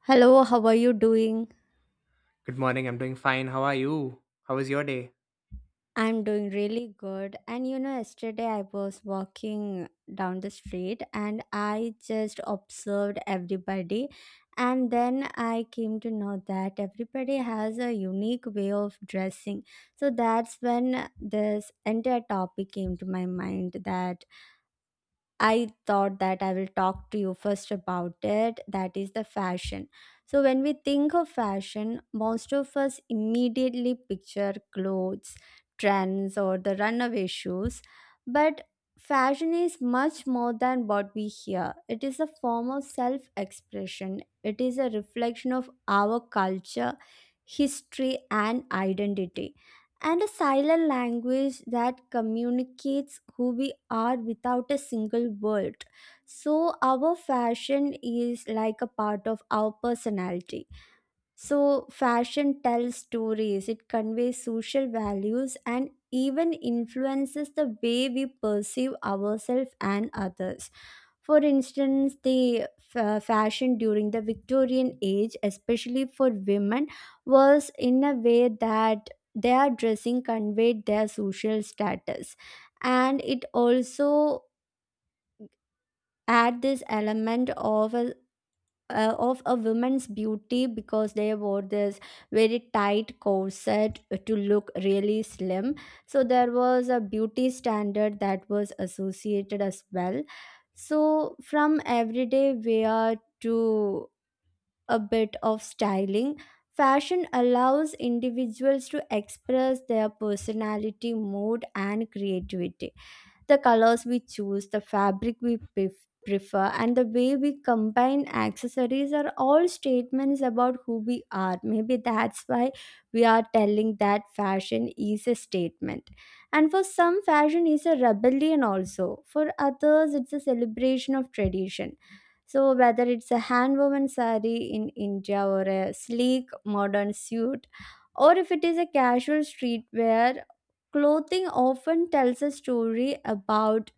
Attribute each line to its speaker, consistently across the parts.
Speaker 1: Hello, how are you doing?
Speaker 2: Good morning. I'm doing fine. How are you? How was your day?
Speaker 1: I'm doing really good. And you know, yesterday I was walking down the street and I just observed everybody. And then I came to know that everybody has a unique way of dressing. So that's when this entire topic came to my mind that I thought that I will talk to you first about it. That is the fashion. So, when we think of fashion, most of us immediately picture clothes, trends, or the runaway shoes. But fashion is much more than what we hear. It is a form of self expression, it is a reflection of our culture, history, and identity, and a silent language that communicates who we are without a single word. So, our fashion is like a part of our personality. So, fashion tells stories, it conveys social values, and even influences the way we perceive ourselves and others. For instance, the fashion during the Victorian age, especially for women, was in a way that their dressing conveyed their social status. And it also had this element of a woman's beauty because they wore this very tight corset to look really slim. So there was a beauty standard that was associated as well. So from everyday wear to a bit of styling, fashion allows individuals to express their personality, mood, and creativity. The colors we choose, the fabric we prefer, and the way we combine accessories are all statements about who we are. Maybe that's why we are telling that fashion is a statement. And for some, fashion is a rebellion also. For others, it's a celebration of tradition. So whether it's a hand-woven sari in India, or a sleek modern suit, or if it is a casual streetwear, clothing often tells a story about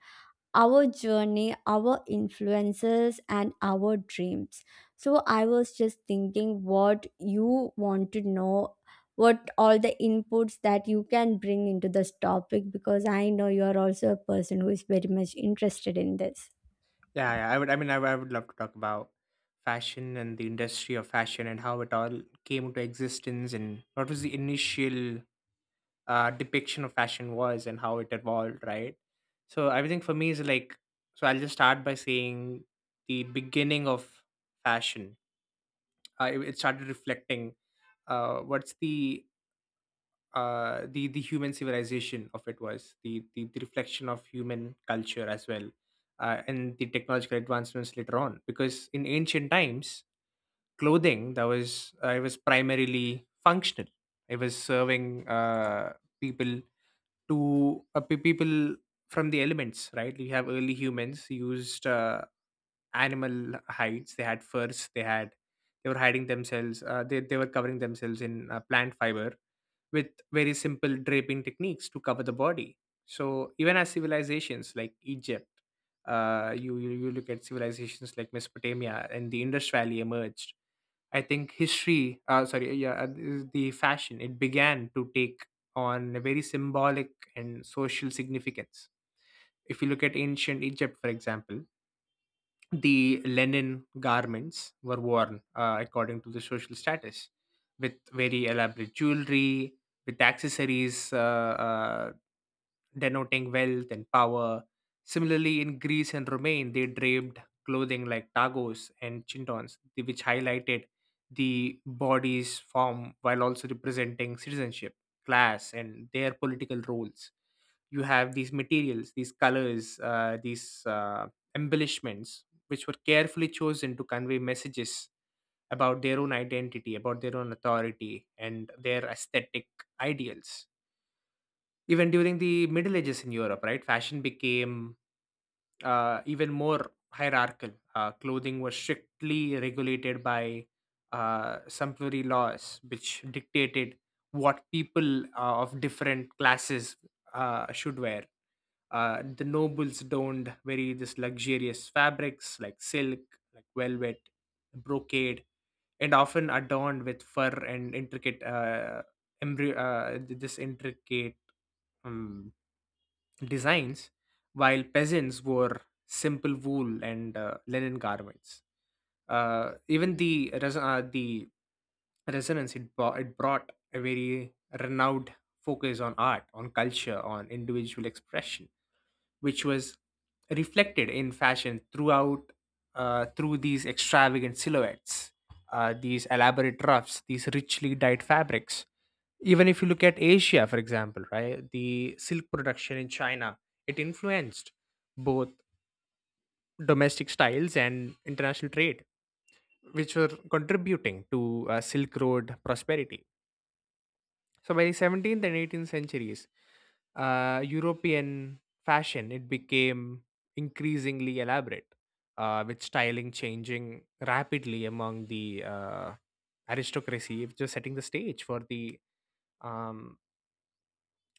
Speaker 1: our journey, our influences, and our dreams. So I was just thinking what you want to know, what all the inputs that you can bring into this topic, because I know you are also a person who is very much interested in this.
Speaker 2: Yeah, yeah. I would. I mean, I would love to talk about fashion and the industry of fashion and how it all came into existence and what was the initial depiction of fashion was and how it evolved, right? So everything for me is like. So I'll just start by saying the beginning of fashion. It started reflecting. What's the human civilization of it was the reflection of human culture as well, and the technological advancements later on, because in ancient times clothing that was it was primarily functional. It was serving, people people from the elements, right? You have early humans used animal hides. They had furs. They had they were hiding themselves, they were covering themselves in plant fiber with very simple draping techniques to cover the body. So even as civilizations like Egypt, you, you you look at civilizations like Mesopotamia and the Indus Valley emerged. I think history, sorry, yeah, The fashion, it began to take on a very symbolic and social significance. If you look at ancient Egypt, for example, the linen garments were worn according to the social status, with very elaborate jewelry, with accessories uh, denoting wealth and power. Similarly, in Greece and Romaine, they draped clothing like tagos and chintons, which highlighted the body's form while also representing citizenship, class and their political roles. You have these materials, these colors, these embellishments, which were carefully chosen to convey messages about their own identity, about their own authority, and their aesthetic ideals. Even during the Middle Ages in Europe, right, fashion became even more hierarchical. Clothing was strictly regulated by sumptuary laws, which dictated what people of different classes should wear. The nobles donned very this luxurious fabrics like silk, like velvet, brocade, and often adorned with fur and intricate embry- th- this intricate um, designs, while peasants wore simple wool and linen garments. Even the resonance, it brought a very renowned focus on art, on culture, on individual expression, which was reflected in fashion through these extravagant silhouettes, these elaborate ruffs, these richly dyed fabrics. Even if you look at Asia, for example, right, the silk production in China, it influenced both domestic styles and international trade, which were contributing to Silk Road prosperity. So by the 17th and 18th centuries, European fashion, it became increasingly elaborate, with styling changing rapidly among the aristocracy, just setting the stage for the um,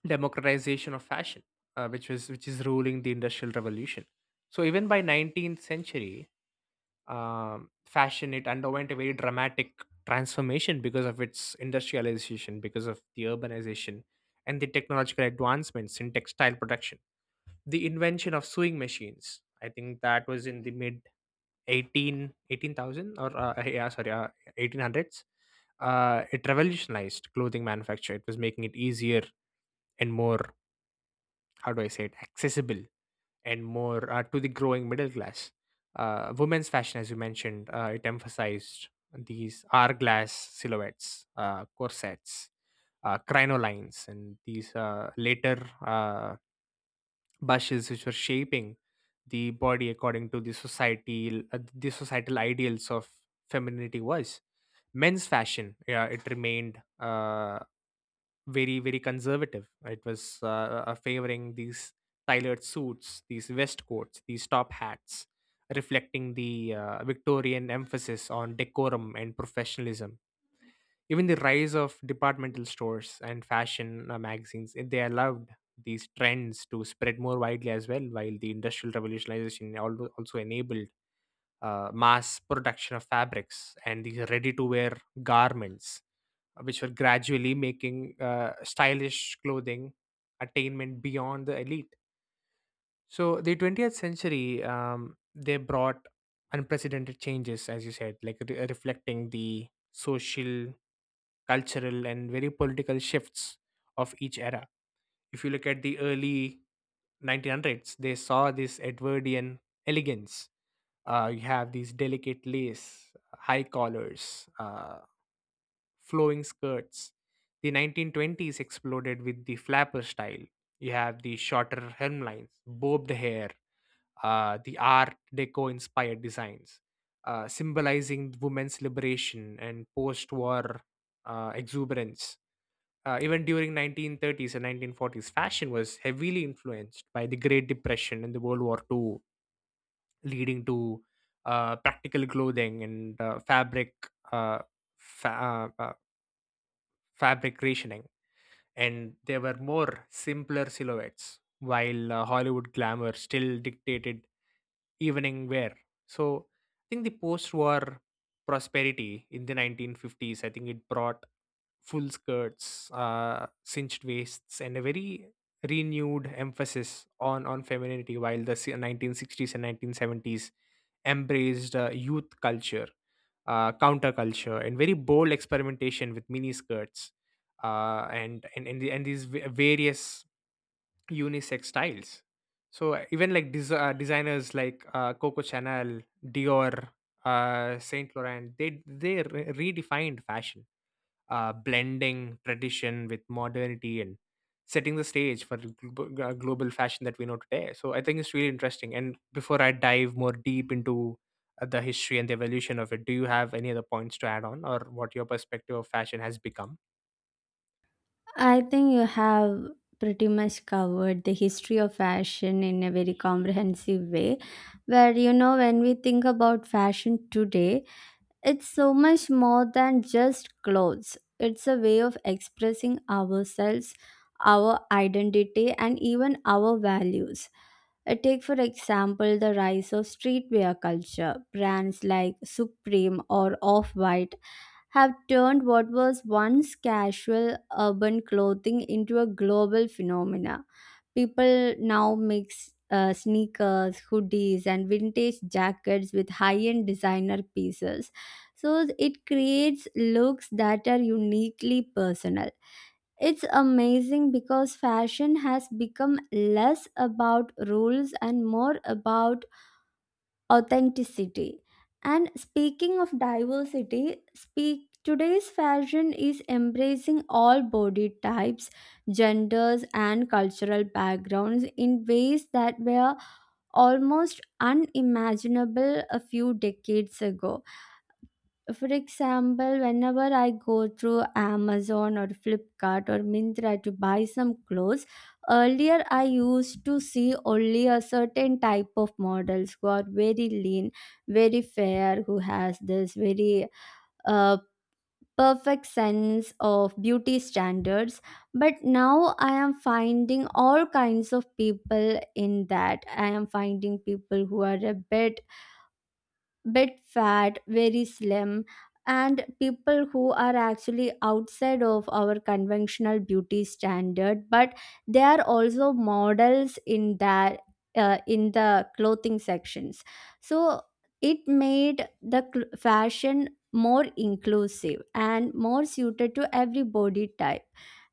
Speaker 2: democratization of fashion, which is ruling the industrial revolution. So even by 19th century, fashion, it underwent a very dramatic transformation because of its industrialization, because of the urbanization and the technological advancements in textile production. The invention of sewing machines, I think that was in the mid 18 18000 or yeah sorry 1800s. It revolutionized clothing manufacture. It was making it easier and more, how do I say it, accessible, and more to the growing middle class. Women's fashion, as you mentioned, it emphasized these hourglass silhouettes, corsets, crinolines, and these later bushes, which were shaping the body according to the society, the societal ideals of femininity was. Men's fashion, yeah, it remained very conservative, right? It was favoring these tailored suits, these waistcoats, these top hats, reflecting the Victorian emphasis on decorum and professionalism. Even the rise of departmental stores and fashion magazines, they allowed these trends to spread more widely as well, while the industrial revolutionization also enabled mass production of fabrics and these ready to wear garments, which were gradually making stylish clothing attainment beyond the elite. So the 20th century, they brought unprecedented changes, as you said, like reflecting the social, cultural, and very political shifts of each era. If you look at the early 1900s, they saw this Edwardian elegance. You have these delicate lace, high collars, flowing skirts. The 1920s exploded with the flapper style. You have the shorter hemlines, bobbed hair, the Art Deco inspired designs, symbolizing women's liberation and post war exuberance. Even during 1930s and 1940s, fashion was heavily influenced by the Great Depression and the World War Two, leading to practical clothing and uh, fa- uh, uh, fabric rationing, and they were more simpler silhouettes, while Hollywood glamour still dictated evening wear. So I think the post-war prosperity in the 1950s, I think it brought full skirts, cinched waists, and a very renewed emphasis on femininity. While the 1960s and 1970s embraced youth culture, counterculture, and very bold experimentation with mini skirts, and these various unisex styles. So even designers like Coco Chanel, Dior, Saint Laurent, they redefined fashion, blending tradition with modernity and setting the stage for the global fashion that we know today. So I think it's really interesting. And before I dive more deep into the history and the evolution of it, do you have any other points to add on, or what your perspective of fashion has become?
Speaker 1: I think you have pretty much covered the history of fashion in a very comprehensive way. Where, you know, when we think about fashion today, it's so much more than just clothes. It's a way of expressing ourselves, our identity, and even our values. Take, for example, the rise of streetwear culture. Brands like Supreme or Off White have turned what was once casual urban clothing into a global phenomena. People now mix sneakers, hoodies, and vintage jackets with high end designer pieces. So it creates looks that are uniquely personal. It's amazing because fashion has become less about rules and more about authenticity. And speaking of diversity, speak today's fashion is embracing all body types, genders and cultural backgrounds in ways that were almost unimaginable a few decades ago. For example, whenever I go through Amazon or Flipkart or Mintra to buy some clothes, earlier I used to see only a certain type of models who are very lean, very fair, who has this very uh, perfect sense of beauty standards. But now I am finding all kinds of people in that. I am finding people who are a bit bit fat, very slim, and people who are actually outside of our conventional beauty standard, but they are also models in that in the clothing sections. So it made the fashion more inclusive and more suited to every body type,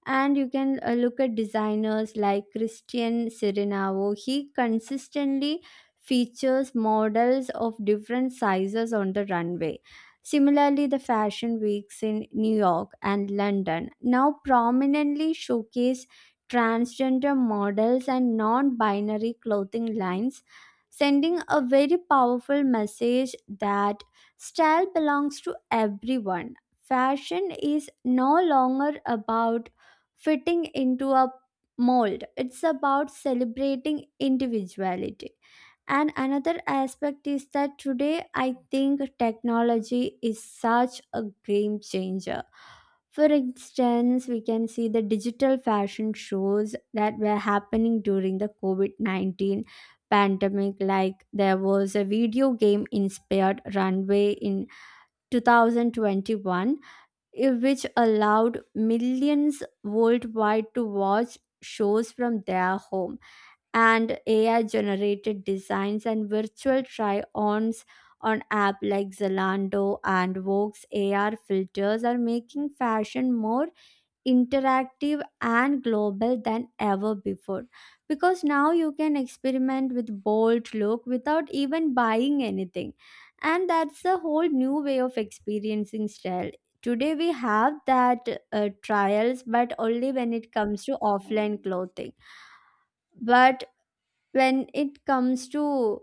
Speaker 1: and you can look at designers like Christian Sirinavo. He consistently features models of different sizes on the runway. Similarly, the fashion weeks in New York and London now prominently showcase transgender models and non binary clothing lines, sending a very powerful message that style belongs to everyone. Fashion is no longer about fitting into a mold, it's about celebrating individuality. And another aspect is that today I think technology is such a game changer. For instance, we can see the digital fashion shows that were happening during the COVID 19 pandemic. Like there was a video game inspired runway in 2021, which allowed millions worldwide to watch shows from their home, and AI generated designs and virtual try ons on apps like Zalando and Vogue's AR filters are making fashion more interactive and global than ever before, because now you can experiment with bold look without even buying anything, and that's a whole new way of experiencing style. Today we have that trials, but only when it comes to offline clothing. But when it comes to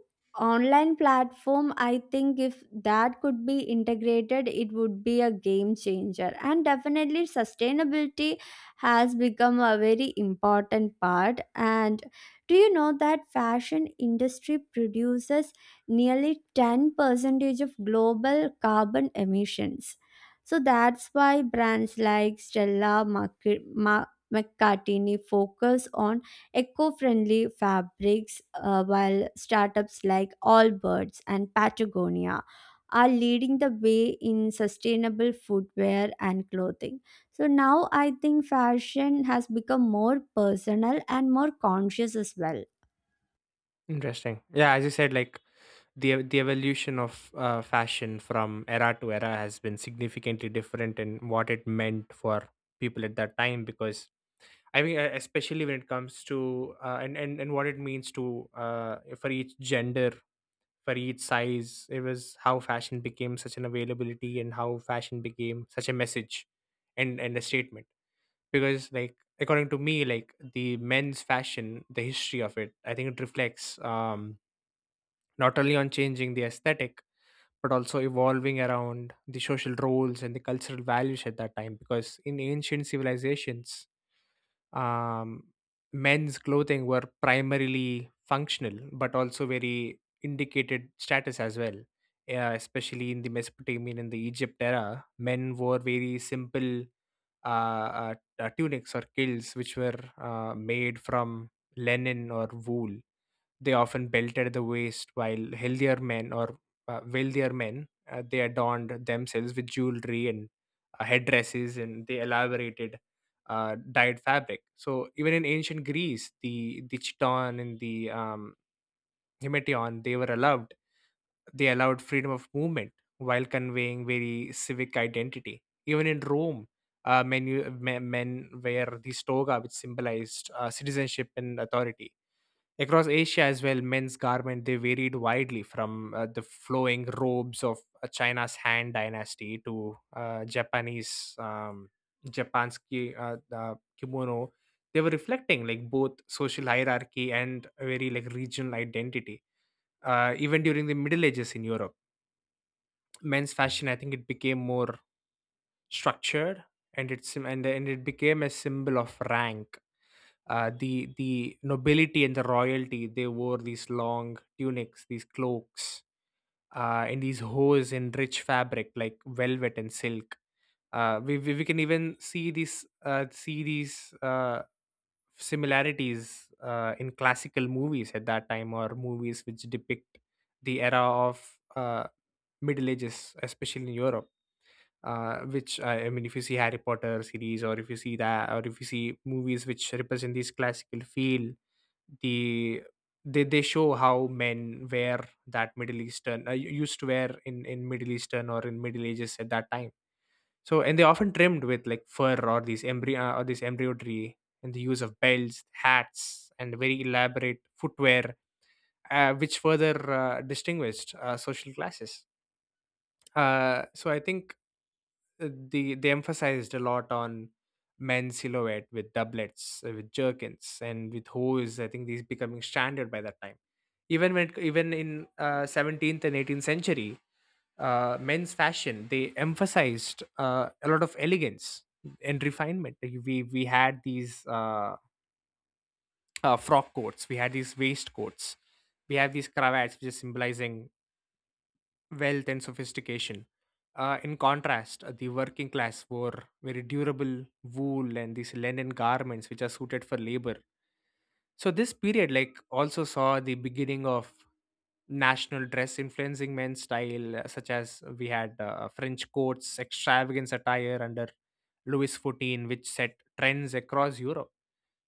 Speaker 1: online platform, I think if that could be integrated it would be a game changer. And definitely sustainability has become a very important part. And do you know that fashion industry produces nearly 10 percentage of global carbon emissions? So that's why brands like Stella McCartney focus on eco-friendly fabrics, while startups like Allbirds and Patagonia are leading the way in sustainable footwear and clothing. So now I think fashion has become more personal and more conscious as well.
Speaker 2: Interesting. Yeah, as you said, like the evolution of fashion from era to era has been significantly different in what it meant for people at that time. Because I mean, especially when it comes to and what it means to, for each gender, for each size, it was how fashion became such an availability and how fashion became such a message and a statement. Because like according to me, like the men's fashion, the history of it, I think it reflects. Not only on changing the aesthetic, but also evolving around the social roles and the cultural values at that time, because in ancient civilizations, um, men's clothing were primarily functional but also very indicated status as well, especially in the Mesopotamian and the Egypt era. Men wore very simple uh, uh, tunics or kilts, which were made from linen or wool. They often belt at the waist, while healthier men or wealthier men, they adorned themselves with jewelry and headdresses, and they elaborated dyed fabric. So even in ancient Greece, the chiton and the himetion, they were allowed. They allowed freedom of movement while conveying very civic identity. Even in Rome, men wear the toga, which symbolized citizenship and authority. Across Asia as well, men's garment, they varied widely from the flowing robes of China's Han dynasty to Japanese kimono. They were reflecting like both social hierarchy and a very like regional identity. Even during the Middle Ages in Europe, men's fashion, I think it became more structured, and it became a symbol of rank. The nobility and the royalty, they wore these long tunics, these cloaks, and these hose in rich fabric like velvet and silk. We can even see these similarities in classical movies at that time, or movies which depict the era of Middle Ages, especially in Europe, which I mean, if you see Harry Potter series, or if you see that, or if you see movies which represent these classical feel, the they show how men wear that Middle Eastern, used to wear in Middle Eastern or in Middle Ages at that time. So and they often trimmed with like fur or these embryo or this embroidery, and the use of belts, hats and very elaborate footwear, which further distinguished social classes. So I think they emphasized a lot on men's silhouette, with doublets, with jerkins, and with hose. I think these becoming standard by that time. Even in 17th and 18th century, men's fashion, they emphasized a lot of elegance and refinement. Like, we had these frock coats, we had these waistcoats, we have these cravats, which is symbolizing wealth and sophistication. In contrast, the working class wore very durable wool and these linen garments which are suited for labor. So this period like also saw the beginning of national dress influencing men's style, such as we had French coats, extravagant attire under Louis XIV, which set trends across Europe.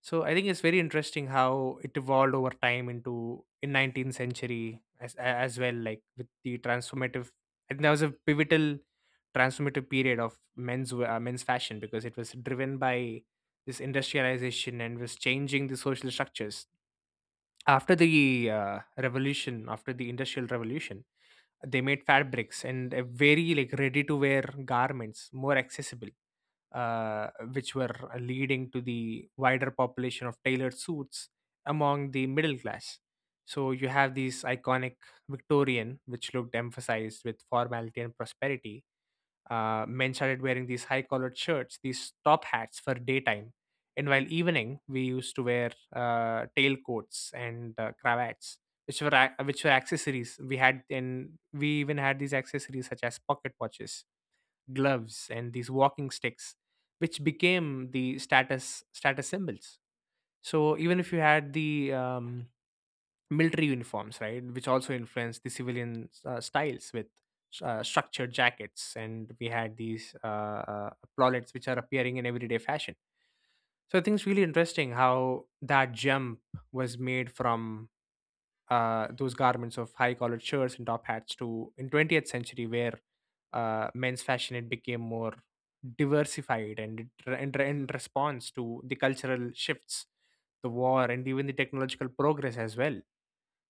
Speaker 2: So I think it's very interesting how it evolved over time into in 19th century as well, like with the transformative. I think that was a pivotal transformative period of men's fashion because it was driven by this industrialization and was changing the social structures. After the revolution, after the industrial revolution, they made fabrics and very like ready to wear garments more accessible, uh, which were leading to the wider population of tailored suits among the middle class. So you have these iconic Victorian, which looked emphasized with formality and prosperity. Men started wearing these high collared shirts, these top hats for daytime. And while evening, we used to wear tailcoats and cravats, which were accessories. We had, and we even had these accessories such as pocket watches, gloves, and these walking sticks, which became the status symbols. So even if you had the military uniforms, right, which also influenced the civilian styles with structured jackets, and we had these epaulets which are appearing in everyday fashion. So I think it's really interesting how that jump was made from those garments of high collared shirts and top hats to in 20th century where men's fashion it became more diversified, and it, re- in, re- in response to the cultural shifts, the war, and even the technological progress as well,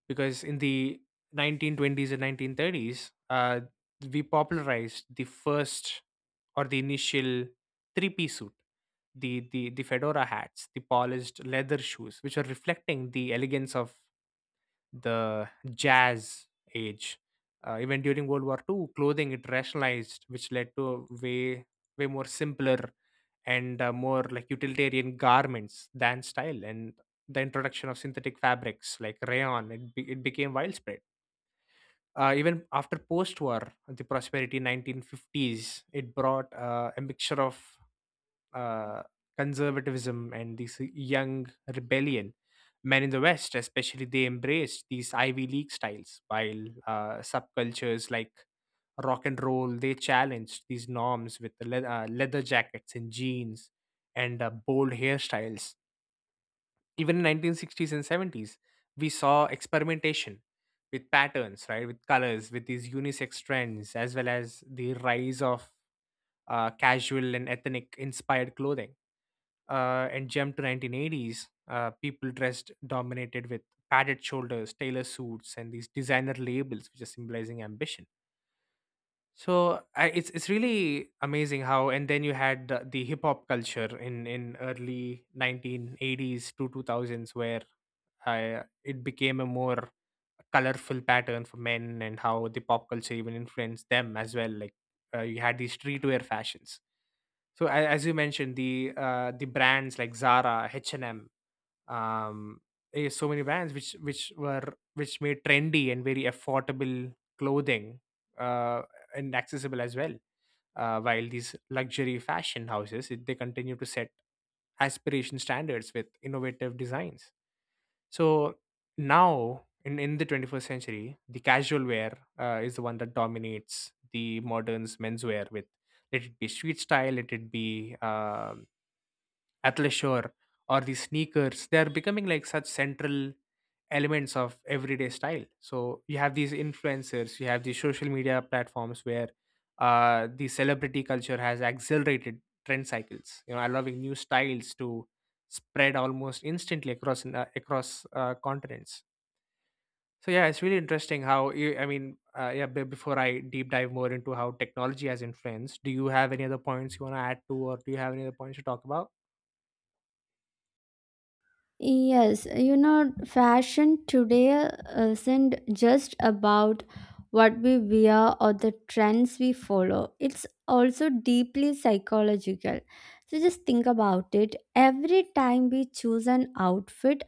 Speaker 2: because in the 1920s and 1930s, we popularized the first or the initial three-piece suit, the fedora hats, the polished leather shoes, which are reflecting the elegance of the jazz age. Even during World War Two, clothing it rationalized, which led to way more simpler and more like utilitarian garments than style. And the introduction of synthetic fabrics like rayon, it became widespread. Even after post-war, the prosperity 1950s, it brought a mixture of uh, conservatism and this young rebellion. Men in the West, especially, they embraced these Ivy League styles, while subcultures like rock and roll they challenged these norms with leather jackets and jeans and bold hairstyles. Even in 1960s and 70s, we saw experimentation with patterns, right, with colors, with these unisex trends, as well as the rise of casual and ethnic inspired clothing. And jump to 1980s, people dressed dominated with padded shoulders, tailor suits, and these designer labels, which are symbolizing ambition. It's really amazing how, and then you had the hip hop culture in early 1980s to 2000s where it became a more colorful pattern for men, and how the pop culture even influenced them as well, like you had these streetwear fashions. So as you mentioned the brands like Zara H&M, um so many brands which made trendy and very affordable clothing uh and accessible as well. While these luxury fashion houses they continue to set aspiration standards with innovative designs. So now in the 21st century, the casual wear is the one that dominates the moderns menswear, with let it be street style, let it be athleisure, or the sneakers, they are becoming like such central elements of everyday style. So you have these influencers, you have these social media platforms, where the celebrity culture has accelerated trend cycles, you know, allowing new styles to spread almost instantly across continents. So yeah, it's really interesting how you, yeah, before I deep dive more into how technology has influenced, do you have any other points you want to add to, or do you have any other points to talk about?
Speaker 1: Yes, you know, fashion today isn't just about what we wear or the trends we follow. It's also deeply psychological. So just think about it. Every time we choose an outfit,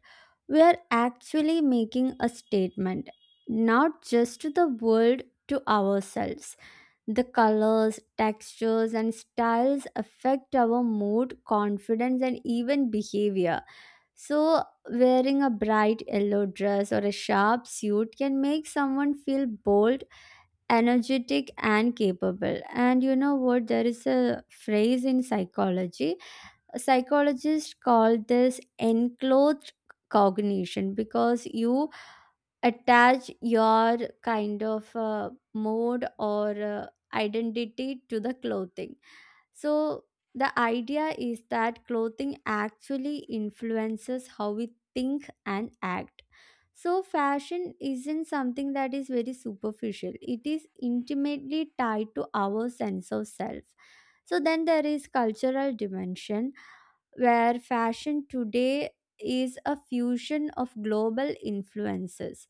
Speaker 1: we are actually making a statement, not just to the world, to ourselves. The colors, textures, and styles affect our mood, confidence, and even behavior. So, wearing a bright yellow dress or a sharp suit can make someone feel bold, energetic, and capable. And you know what? There is a phrase in psychology. Psychologists call this enclothed cognition, because you attach your kind of mode or identity to the clothing. So, the idea is that clothing actually influences how we think and act. So, fashion isn't something that is very superficial, it is intimately tied to our sense of self. So, then there is cultural dimension where fashion today is a fusion of global influences.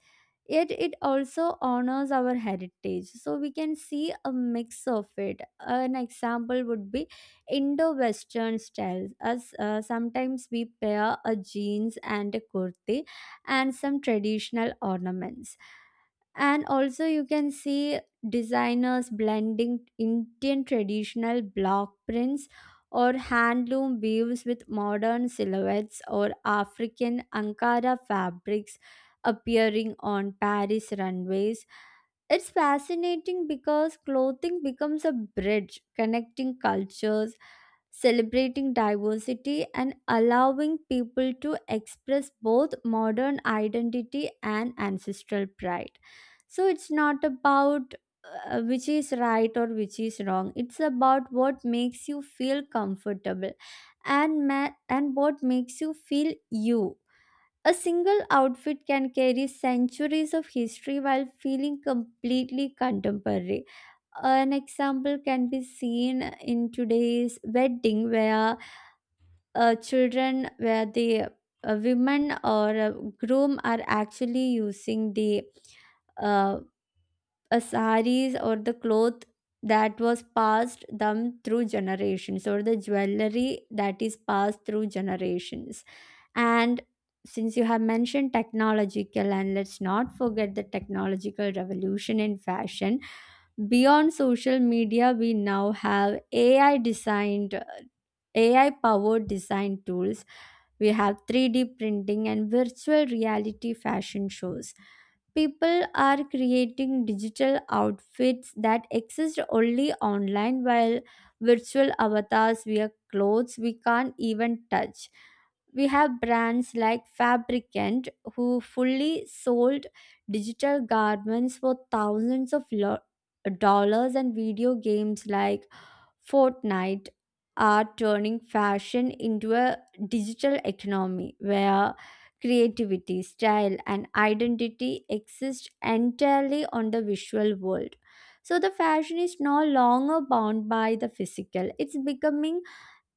Speaker 1: Yet it also honors our heritage. So we can see a mix of it. An example would be Indo Western styles, as sometimes we pair a jeans and a kurti and some traditional ornaments. And also you can see designers blending indian traditional block prints or handloom weaves with modern silhouettes, or african ankara fabrics appearing on paris runways. It's fascinating because clothing becomes a bridge connecting cultures, celebrating diversity, and allowing people to express both modern identity and ancestral pride. So it's not about which is right or which is wrong. It's about what makes you feel comfortable and and what makes you feel you. A single outfit can carry centuries of history while feeling completely contemporary. An example can be seen in today's wedding where children, where the women or groom are actually using the uh, a saris, or the cloth that was passed them through generations, or the jewelry that is passed through generations. And since you have mentioned technological, and let's not forget the technological revolution in fashion beyond social media, we now have ai powered design tools. We have 3D printing and virtual reality fashion shows. People are creating digital outfits that exist only online, while virtual avatars wear clothes we can't even touch. We have brands like Fabricant who fully sold digital garments for thousands of dollars, and video games like fortnight are turning fashion into a digital economy where creativity, style, and identity exist entirely on the visual world. So, the fashion is no longer bound by the physical, it's becoming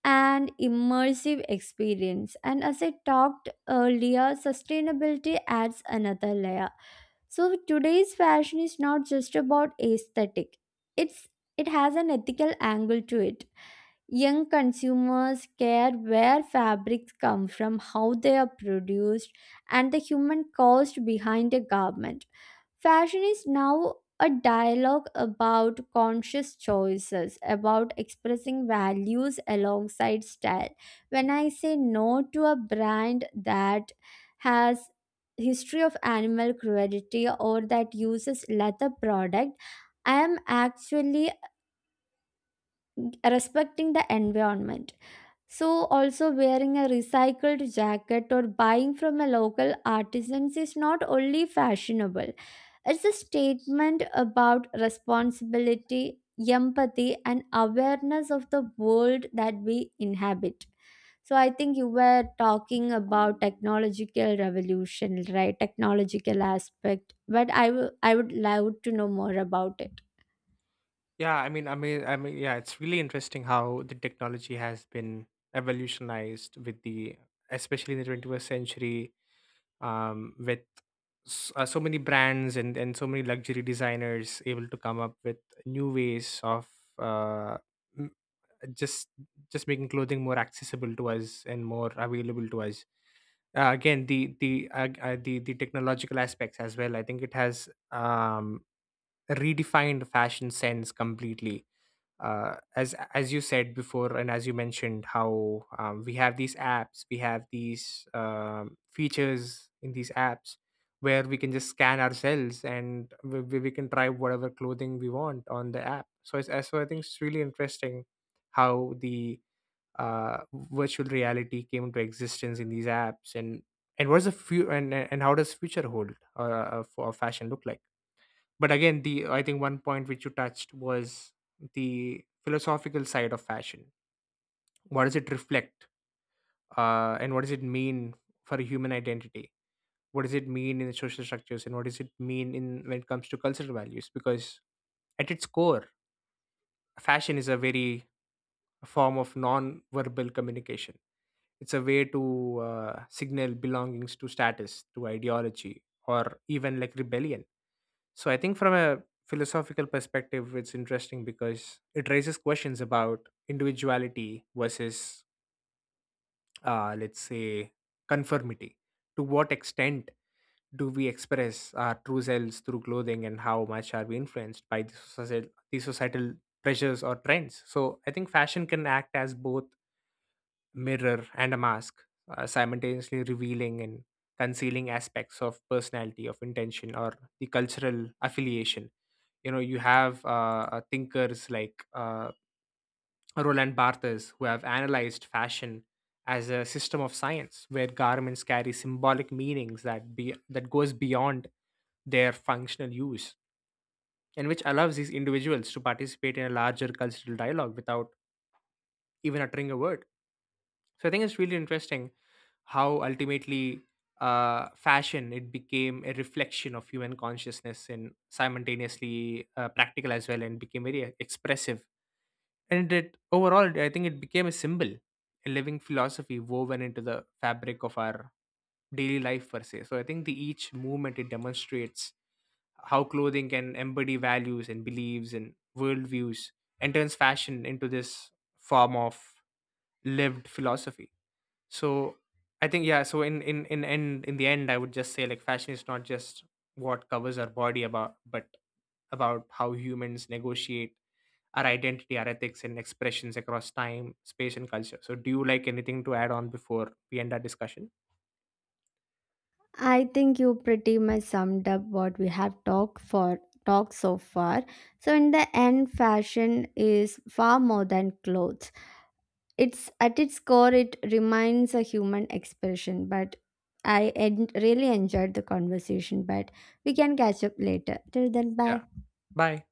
Speaker 1: an immersive experience. And as I talked earlier, sustainability adds another layer. So, today's fashion is not just about aesthetic, it's it has an ethical angle to it. Young consumers care where fabrics come from, how they are produced, and the human cost behind a garment. Fashion is now a dialogue about conscious choices, about expressing values alongside style. When I say no to a brand that has history of animal cruelty or that uses leather product, I am actually respecting the environment. So, also wearing a recycled jacket or buying from a local artisans is not only fashionable, it's a statement about responsibility, empathy, and awareness of the world that we inhabit. So, I think you were talking about technological revolution, right? Technological aspect, but I would love to know more about it.
Speaker 2: Yeah, yeah, it's really interesting how the technology has been evolutionized with especially in the 21st century, with so many brands and so many luxury designers able to come up with new ways of uh, m- just making clothing more accessible to us and more available to us. Again, the technological aspects as well. I think it has redefined fashion sense completely, as you said before, and as you mentioned how we have these apps, we have these features in these apps where we can just scan ourselves, and we can try whatever clothing we want on the app. So so I think it's really interesting how the uh, virtual reality came into existence in these apps, and what's the few and how does future hold for fashion look like. But again, the, I think one point which you touched was the philosophical side of fashion. What does it reflect, and what does it mean for a human identity? What does it mean in social structures, and what does it mean in, when it comes to cultural values? Because at its core, fashion is a very form of non-verbal communication. It's a way to signal belongings, to status, to ideology, or even like rebellion. So I think from a philosophical perspective, it's interesting because it raises questions about individuality versus, let's say, conformity. To what extent do we express our true selves through clothing, and how much are we influenced by the societal pressures or trends? So I think fashion can act as both mirror and a mask, simultaneously revealing and concealing aspects of personality, of intention, or the cultural affiliation. You know, you have thinkers like Roland Barthes, who have analyzed fashion as a system of science, where garments carry symbolic meanings that goes beyond their functional use, and which allows these individuals to participate in a larger cultural dialogue without even uttering a word. So I think it's really interesting how ultimately fashion it became a reflection of human consciousness and simultaneously practical as well, and became very expressive. And it overall, I think it became a symbol, a living philosophy woven into the fabric of our daily life per se. So I think the each movement it demonstrates how clothing can embody values and beliefs and worldviews, and turns fashion into this form of lived philosophy. So I think, yeah, so in the end, I would just say like fashion is not just what covers our body about, but about how humans negotiate our identity, our ethics, and expressions across time, space, and culture. So do you like anything to add on before we end our discussion?
Speaker 1: I think you pretty much summed up what we have talked so far. So in the end, fashion is far more than clothes. It's at its core it remains a human expression, but I en- really enjoyed the conversation, but we can catch up later. Till then, bye.
Speaker 2: Yeah. Bye.